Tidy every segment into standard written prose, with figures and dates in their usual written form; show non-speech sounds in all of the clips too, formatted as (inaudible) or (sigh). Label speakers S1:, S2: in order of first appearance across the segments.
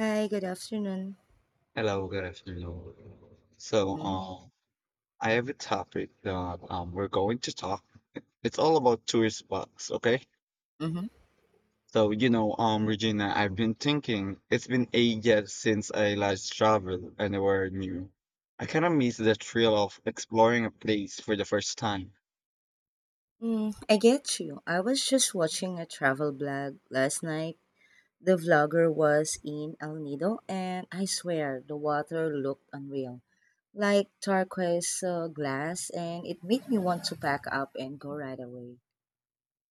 S1: Hi, good afternoon.
S2: Hello, good afternoon. So,
S1: Mm-hmm.
S2: um, I have a topic that we're going to talk. It's all about tourist spots, okay?
S1: Mm-hmm.
S2: Regina, I've been thinking it's been ages since I last traveled anywhere new. I kind of miss the thrill of exploring a place for the first time.
S1: Mm, I get you. I was just watching a travel blog last night. The vlogger was in El Nido, and I swear the water looked unreal like turquoise glass, and it made me want to pack up and go right away.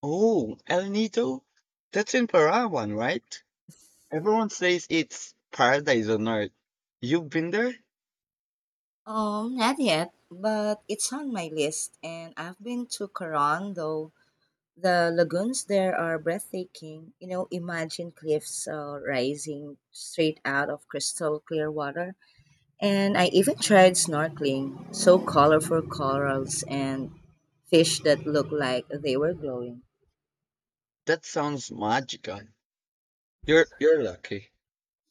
S2: Oh, El Nido? That's in Parawan, right? Everyone says it's paradise on earth. You've been there?
S1: Not yet, but it's on my list, and I've been to Coron, though. The lagoons there are breathtaking. You know, imagine cliffs rising straight out of crystal clear water. And I even tried snorkeling. So colorful corals and fish that look like they were glowing.
S2: That sounds magical. You're lucky.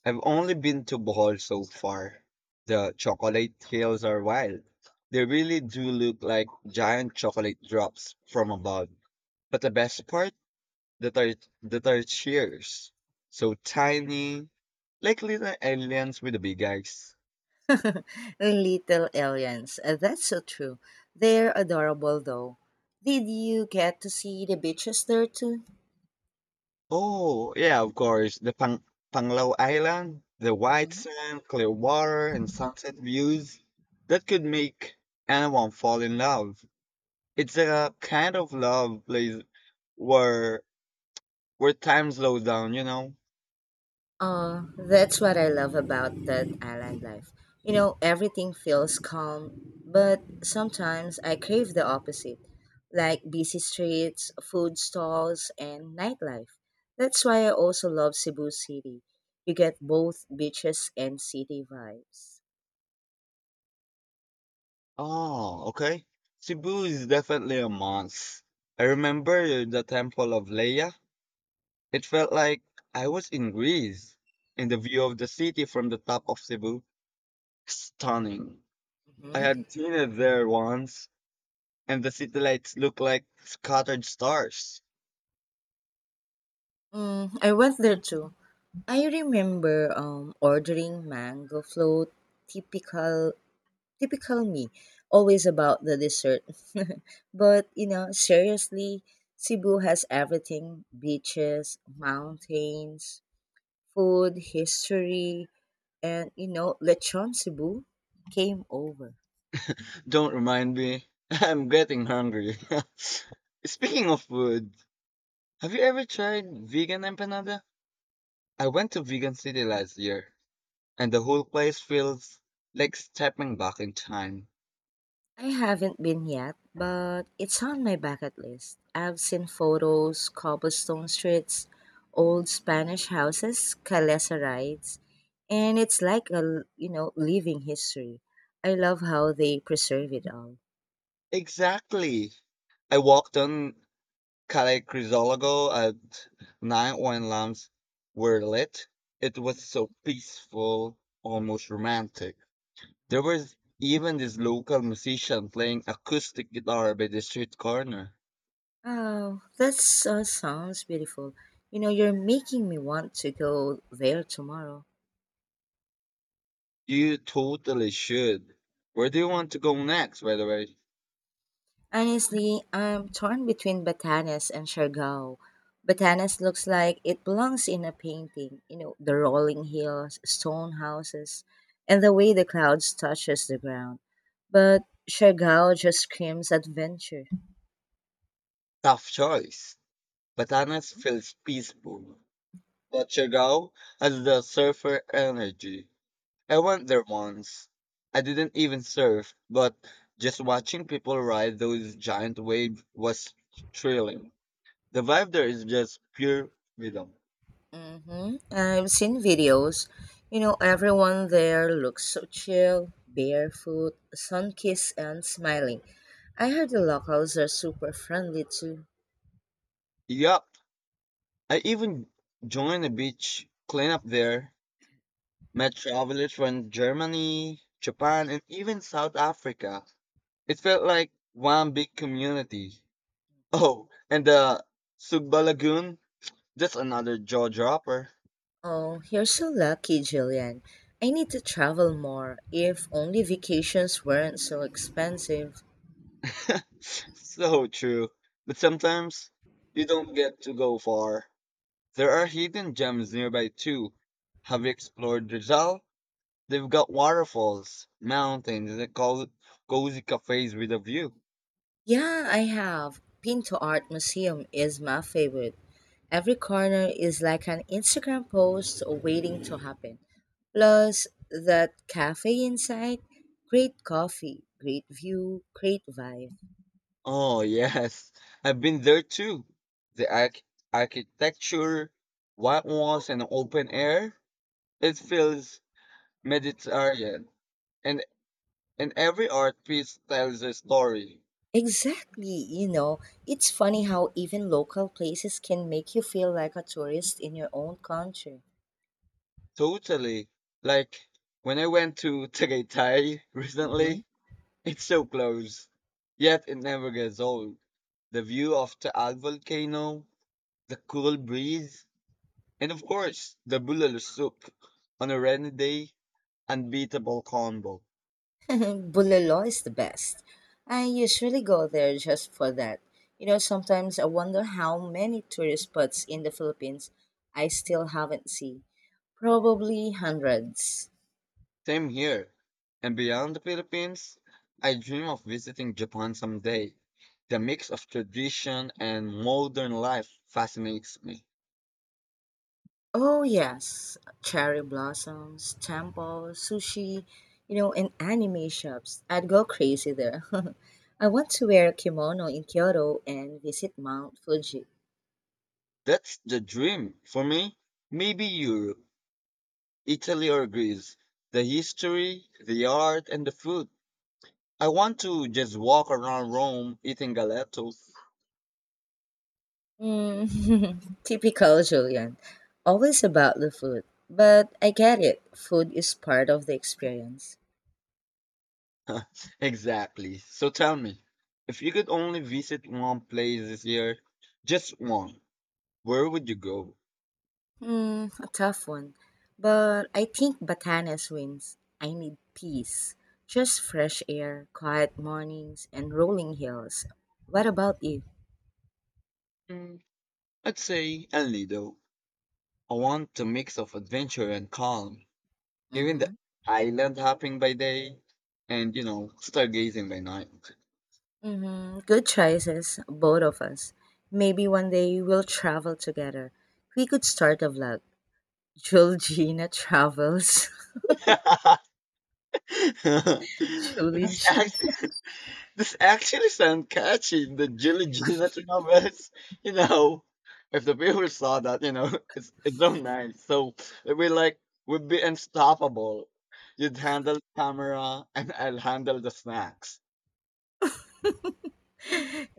S2: I've only been to Bohol so far. The chocolate hills are wild. They really do look like giant chocolate drops from above. But the best part, the tarsiers. So tiny, like little aliens with the big eyes.
S1: (laughs) Little aliens. That's so true. They're adorable though. Did you get to see the beaches there too?
S2: Oh, yeah, of course. Panglao Island, the white
S1: Mhm.
S2: sand, clear water, and sunset views. That could make anyone fall in love. It's a kind of love place where where time slows down, you know?
S1: That's what I love about that island life. You know, everything feels calm, but sometimes I crave the opposite, like busy streets, food stalls, and nightlife. That's why I also love Cebu City. You get both beaches and city vibes.
S2: Oh, okay. Cebu is definitely a must. I remember the Temple of Leia. It felt like I was in Greece, and the view of the city from the top of Cebu, stunning. I
S1: Mhm.
S2: had seen it there once, and the city lights look like scattered stars.
S1: Mm, I went there too. I remember ordering mango float, typical typical me, always about the dessert. (laughs) But you know, seriously, Cebu has everything: beaches, mountains, food, history, and you know, Lechon Cebu came over.
S2: Don't remind me, (laughs) I'm getting hungry. (laughs) Speaking of food, have you ever tried vegan empanada? I went to Vegan City last year, and the whole place feels like stepping back in time.
S1: I haven't been yet, but it's on my bucket list. I've seen photos, cobblestone streets, old Spanish houses, calesa rides, and it's like a, you know, living history. I love how they preserve it all.
S2: Exactly. I walked on Calle Crisologo at night when lamps were lit. It was so
S1: Mhm,
S2: peaceful, almost romantic. There
S1: mhm.
S2: was even this local musician playing acoustic guitar by the street corner.
S1: Oh, that sounds beautiful. You know, you're making me want to go there tomorrow.
S2: You totally should. Where do you want to go next, by the way?
S1: Honestly, I'm torn between Batanes and Siargao. Batanes looks like it belongs in a painting, you know, the rolling hills, stone houses, and the way the clouds touches the ground. But Siargao just screams adventure.
S2: Tough choice. Batanes feels peaceful, but Siargao has the surfer energy. I went there once. I didn't even surf, but just watching people ride those giant waves was thrilling. The vibe there is just pure freedom.
S1: Mm-hmm. I've seen videos. You know, everyone there looks so chill, barefoot, sun-kissed, and smiling. I heard the locals are super friendly too.
S2: Yup, I even joined a beach cleanup there, met travelers from Germany, Japan, and even South Africa. It felt like one big community. Oh, and the Sugba Lagoon, just another jaw dropper.
S1: Oh, you're so lucky, Jillian. I need to travel more. If only vacations weren't so expensive.
S2: (laughs) So true. But sometimes you don't get to go far. There are hidden gems nearby too. Have you explored Rizal? They've got waterfalls, mountains, and cozy cafes with a view.
S1: Yeah, I have. Been to Art Museum is my favorite. Every corner is like an Instagram post waiting to happen. Plus, that cafe inside, great coffee, great view, great vibe.
S2: Oh (laughs) yes, I've been there too. The arch- architecture, white walls, and open air. It feels Mediterranean, and every art piece tells a story.
S1: Exactly, you know, it's funny how even local places can make you feel like a tourist in your own country.
S2: Totally. Like when I went to Tagaytay (laughs)
S1: Mhm.
S2: recently, it's so close, yet it never gets old. The view of Taal volcano, the cool breeze, and of course the bulalo soup on a rainy day, unbeatable combo.
S1: (laughs) Bulelo is the best. I usually go there just for that. You know, sometimes I wonder how many tourist spots in the Philippines I still haven't seen. Probably hundreds.
S2: Same here. And beyond the Philippines, I dream of visiting Japan someday. The mix of tradition and modern life fascinates me.
S1: Oh, yes. Cherry blossoms, temple, sushi, you know, and anime shops. I'd go crazy there. (laughs) I want to wear a kimono in Kyoto and visit Mount Fuji.
S2: That's the dream for me. Maybe Europe, Italy, or Greece. The history, the art, and the food. I want to just walk around Rome eating gelatos.
S1: Mm, (laughs) typical Julian. Always about the food. But I get it. Food is part of the experience.
S2: (laughs) Exactly. So tell me, if you could only visit one place this year, just one, where would you go?
S1: Hmm, a tough one. But I think Batanes wins. I need peace. Just fresh air, quiet mornings, and rolling hills. What about you?
S2: Mm, I'd say El Nido. I want a mix of adventure and calm, even the
S1: Mm-hmm.
S2: island hopping by day and, you know, stargazing by night.
S1: Mm-hmm. Good choices, both of us. Maybe one day we'll travel together. We could start a vlog. Julie Gina travels.
S2: (laughs) (laughs)
S1: (laughs) Julie.
S2: this actually, (laughs) this actually sounds catchy. The Jilly Gina Travis, you know, if the people saw that, you know, (laughs) it's so nice. So we like we'd be unstoppable. You'd handle the camera, and I'll handle the snacks.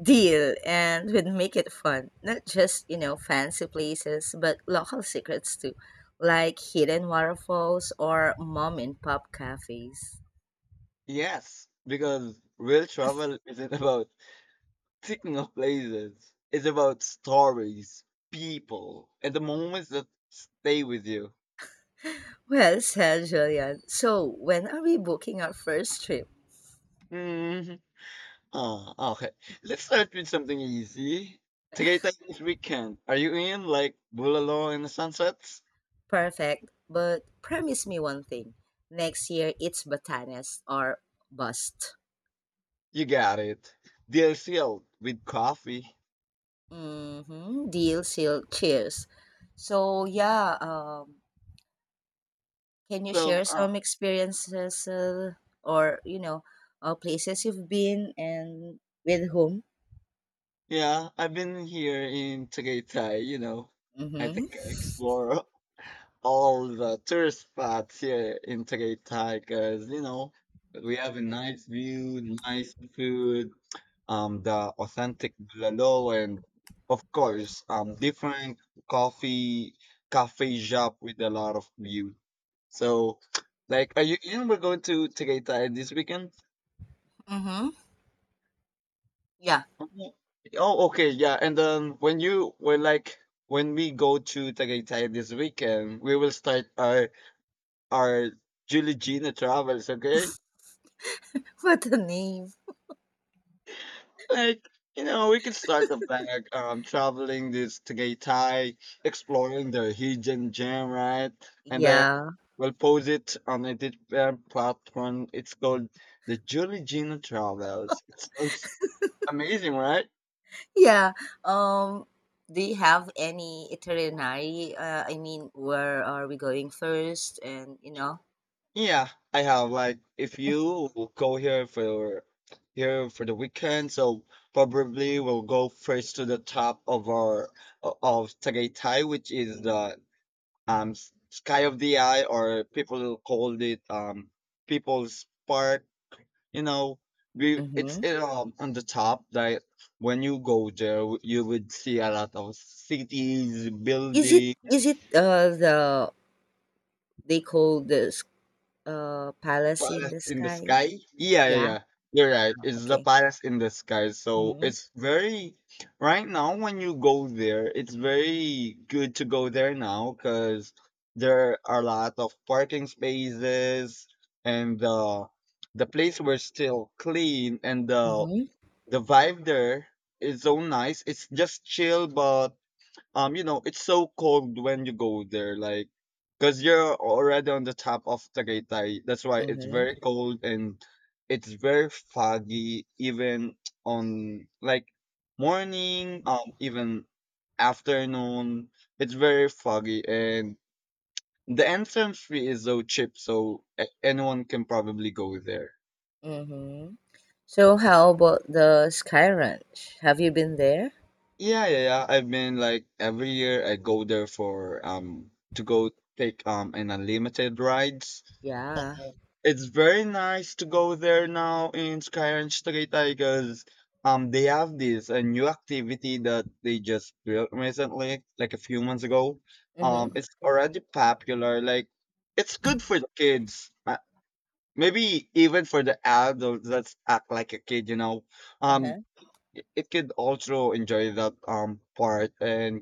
S1: Deal, and we'd make it fun. Not just, you know, fancy places, but local secrets too, like hidden waterfalls or mom and pop cafes.
S2: Yes, because real travel isn't about ticking off places. It's about stories, people, and the moments that stay with you.
S1: Well said, Julian. So, when are we booking our first trip?
S2: Mm-hmm. Oh, okay. Let's start with something easy. Tagaytay this weekend. Are you in like Bulalo and the Sunsets?
S1: Perfect, but promise me one thing. Next year, it's Batanes or bust.
S2: You got it. Deal sealed with coffee.
S1: Mm-hmm. Deal, seal, cheers. So, yeah, can you
S2: So,
S1: share
S2: uh,
S1: some experiences or you know places you've been and with whom?
S2: yeah, I've been here in Tagaytay, you know. I
S1: Mm-hmm.
S2: think I explore (laughs) all the tourist spots here in Tagaytay because you know we have a nice view, nice food, the authentic bulalo, and of course, different coffee cafe shop with a lot of view. So, like, are you in? We're going to Tagaytay this weekend.
S1: Mm-hmm. Yeah.
S2: Oh, oh, okay, yeah. And then when you were like when we go to Tagaytay this weekend, we will start our Julie Gina travels, okay?
S1: (laughs) What a name.
S2: Like, you know, we can start off by traveling this Tagaytay, exploring the hidden gem, right? And then
S1: Yeah.
S2: we'll post it on a different platform. It's called the Julie Gina Travels. It sounds amazing, right?
S1: Yeah. Um. Do you have any itinerary? I mean, where are we going first? And you know.
S2: Yeah, I have. Like, if you go here for here for the weekend, so probably we'll go first to the top of Tagaytay, which is the Sky of the Eye, or people will call it People's Park. You know,
S1: Mm-hmm.
S2: on the top. Like when you go there, you would see a lot of cities,
S1: Is it
S2: buildings.
S1: is it the they call this palace in
S2: Palace
S1: the
S2: in the
S1: sky?
S2: Sky? Yeah, yeah,
S1: Yeah.
S2: yeah. You're right. It's the
S1: Okay.
S2: Palace in the Sky. So
S1: Mm-hmm.
S2: it's very right now when you go there, it's very good to go there now because there are a lot of parking spaces and the place was still clean and the
S1: Mm-hmm.
S2: the vibe there is so nice. It's just chill, but you know, it's so cold when you go there, like, cause you're already on the top of Tagaytay. That's why it's
S1: Mm-hmm.
S2: very cold and it's very foggy, even on like morning, even afternoon. It's very foggy, and the entrance fee is so cheap, so anyone can probably go there.
S1: Mm-hmm. So how about the Sky Ranch? Have you been there?
S2: Yeah, yeah, yeah. I've been like every year I go there for to go take an unlimited rides.
S1: Yeah.
S2: It's very nice to go there now in Skyrange Street because they have this a new activity that they just built recently, like a few months ago.
S1: Mm-hmm.
S2: It's already popular. Like, it's good for the kids. Maybe even for the adults that act like a kid, you know. Um,
S1: Uh-huh.
S2: it could also enjoy that part and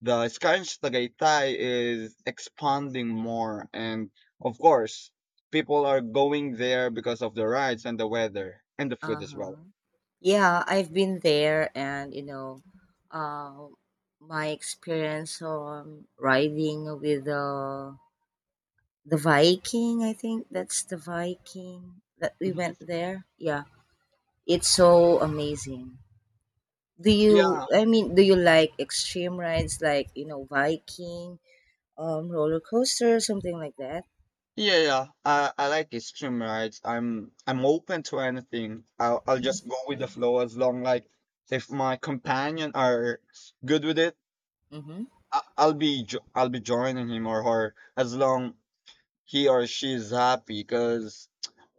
S2: the Skyrim's Tagaytay is expanding more and of course people are going there because of the rides and the weather and the food as well.
S1: Uh-huh. Yeah, I've been there and you know, uh, my experience on riding with the Viking, I think that's the Viking that we
S2: Mhm.
S1: went there. Yeah. It's so amazing. Do you
S2: Yeah,
S1: I mean, do you like extreme rides like, you know, Viking, roller coaster, something like that?
S2: yeah, yeah. I like extreme rides. I'm open to anything. I'll just go with the flow as long like if my companion are good with it,
S1: Mm-hmm.
S2: I'll be joining him or her as long he or she is happy because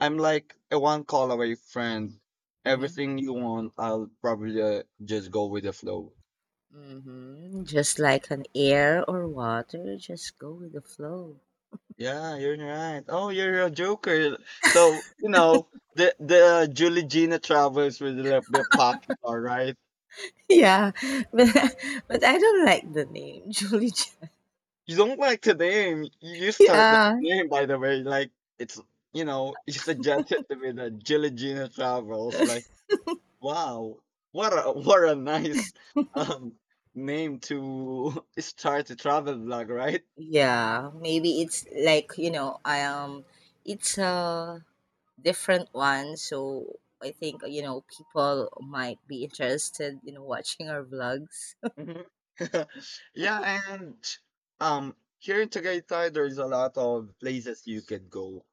S2: I'm like a one call away friend.
S1: Mm-hmm.
S2: Everything you want, I'll probably just go with the flow.
S1: Just like an air or water, just go with the flow. (laughs)
S2: Yeah, you're right. Oh, you're a joker. So, you know, the Julie Gina Travers was a little bit popular, right?
S1: Yeah, (laughs) but but I don't like the name (laughs)
S2: You don't like the name. You start that
S1: Yeah,
S2: name, by the way. Like, it's, you know, you suggested to me that Julie Gina Travels. Like, wow, what a (laughs) what a nice um, name to (laughs) start a travel vlog, right?
S1: yeah. Maybe it's like you know, I it's a different one. So I think you know people might be interested in watching our vlogs. (laughs)
S2: Mhm. (laughs) Yeah, and here in Tagaytay, there's a lot of places you could go.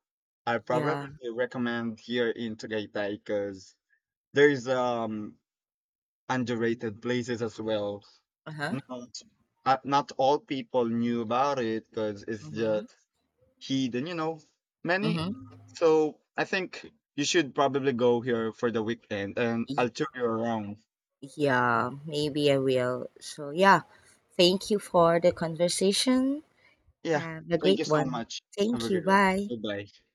S2: I
S1: Yeah.
S2: probably recommend here in Tagaytay because there's underrated places as well.
S1: Uh huh.
S2: Not Not all people knew about it because it's
S1: Mm-hmm.
S2: just heed and you know many,
S1: Mm-hmm.
S2: so I think you should probably go here for the weekend and I'll tour you around.
S1: Yeah, maybe I will. So yeah, thank you for the conversation.
S2: Yeah,
S1: Have a
S2: thank you
S1: great
S2: so
S1: one.
S2: much. Have
S1: Thank
S2: a
S1: you.
S2: good one.
S1: Bye.
S2: Bye bye.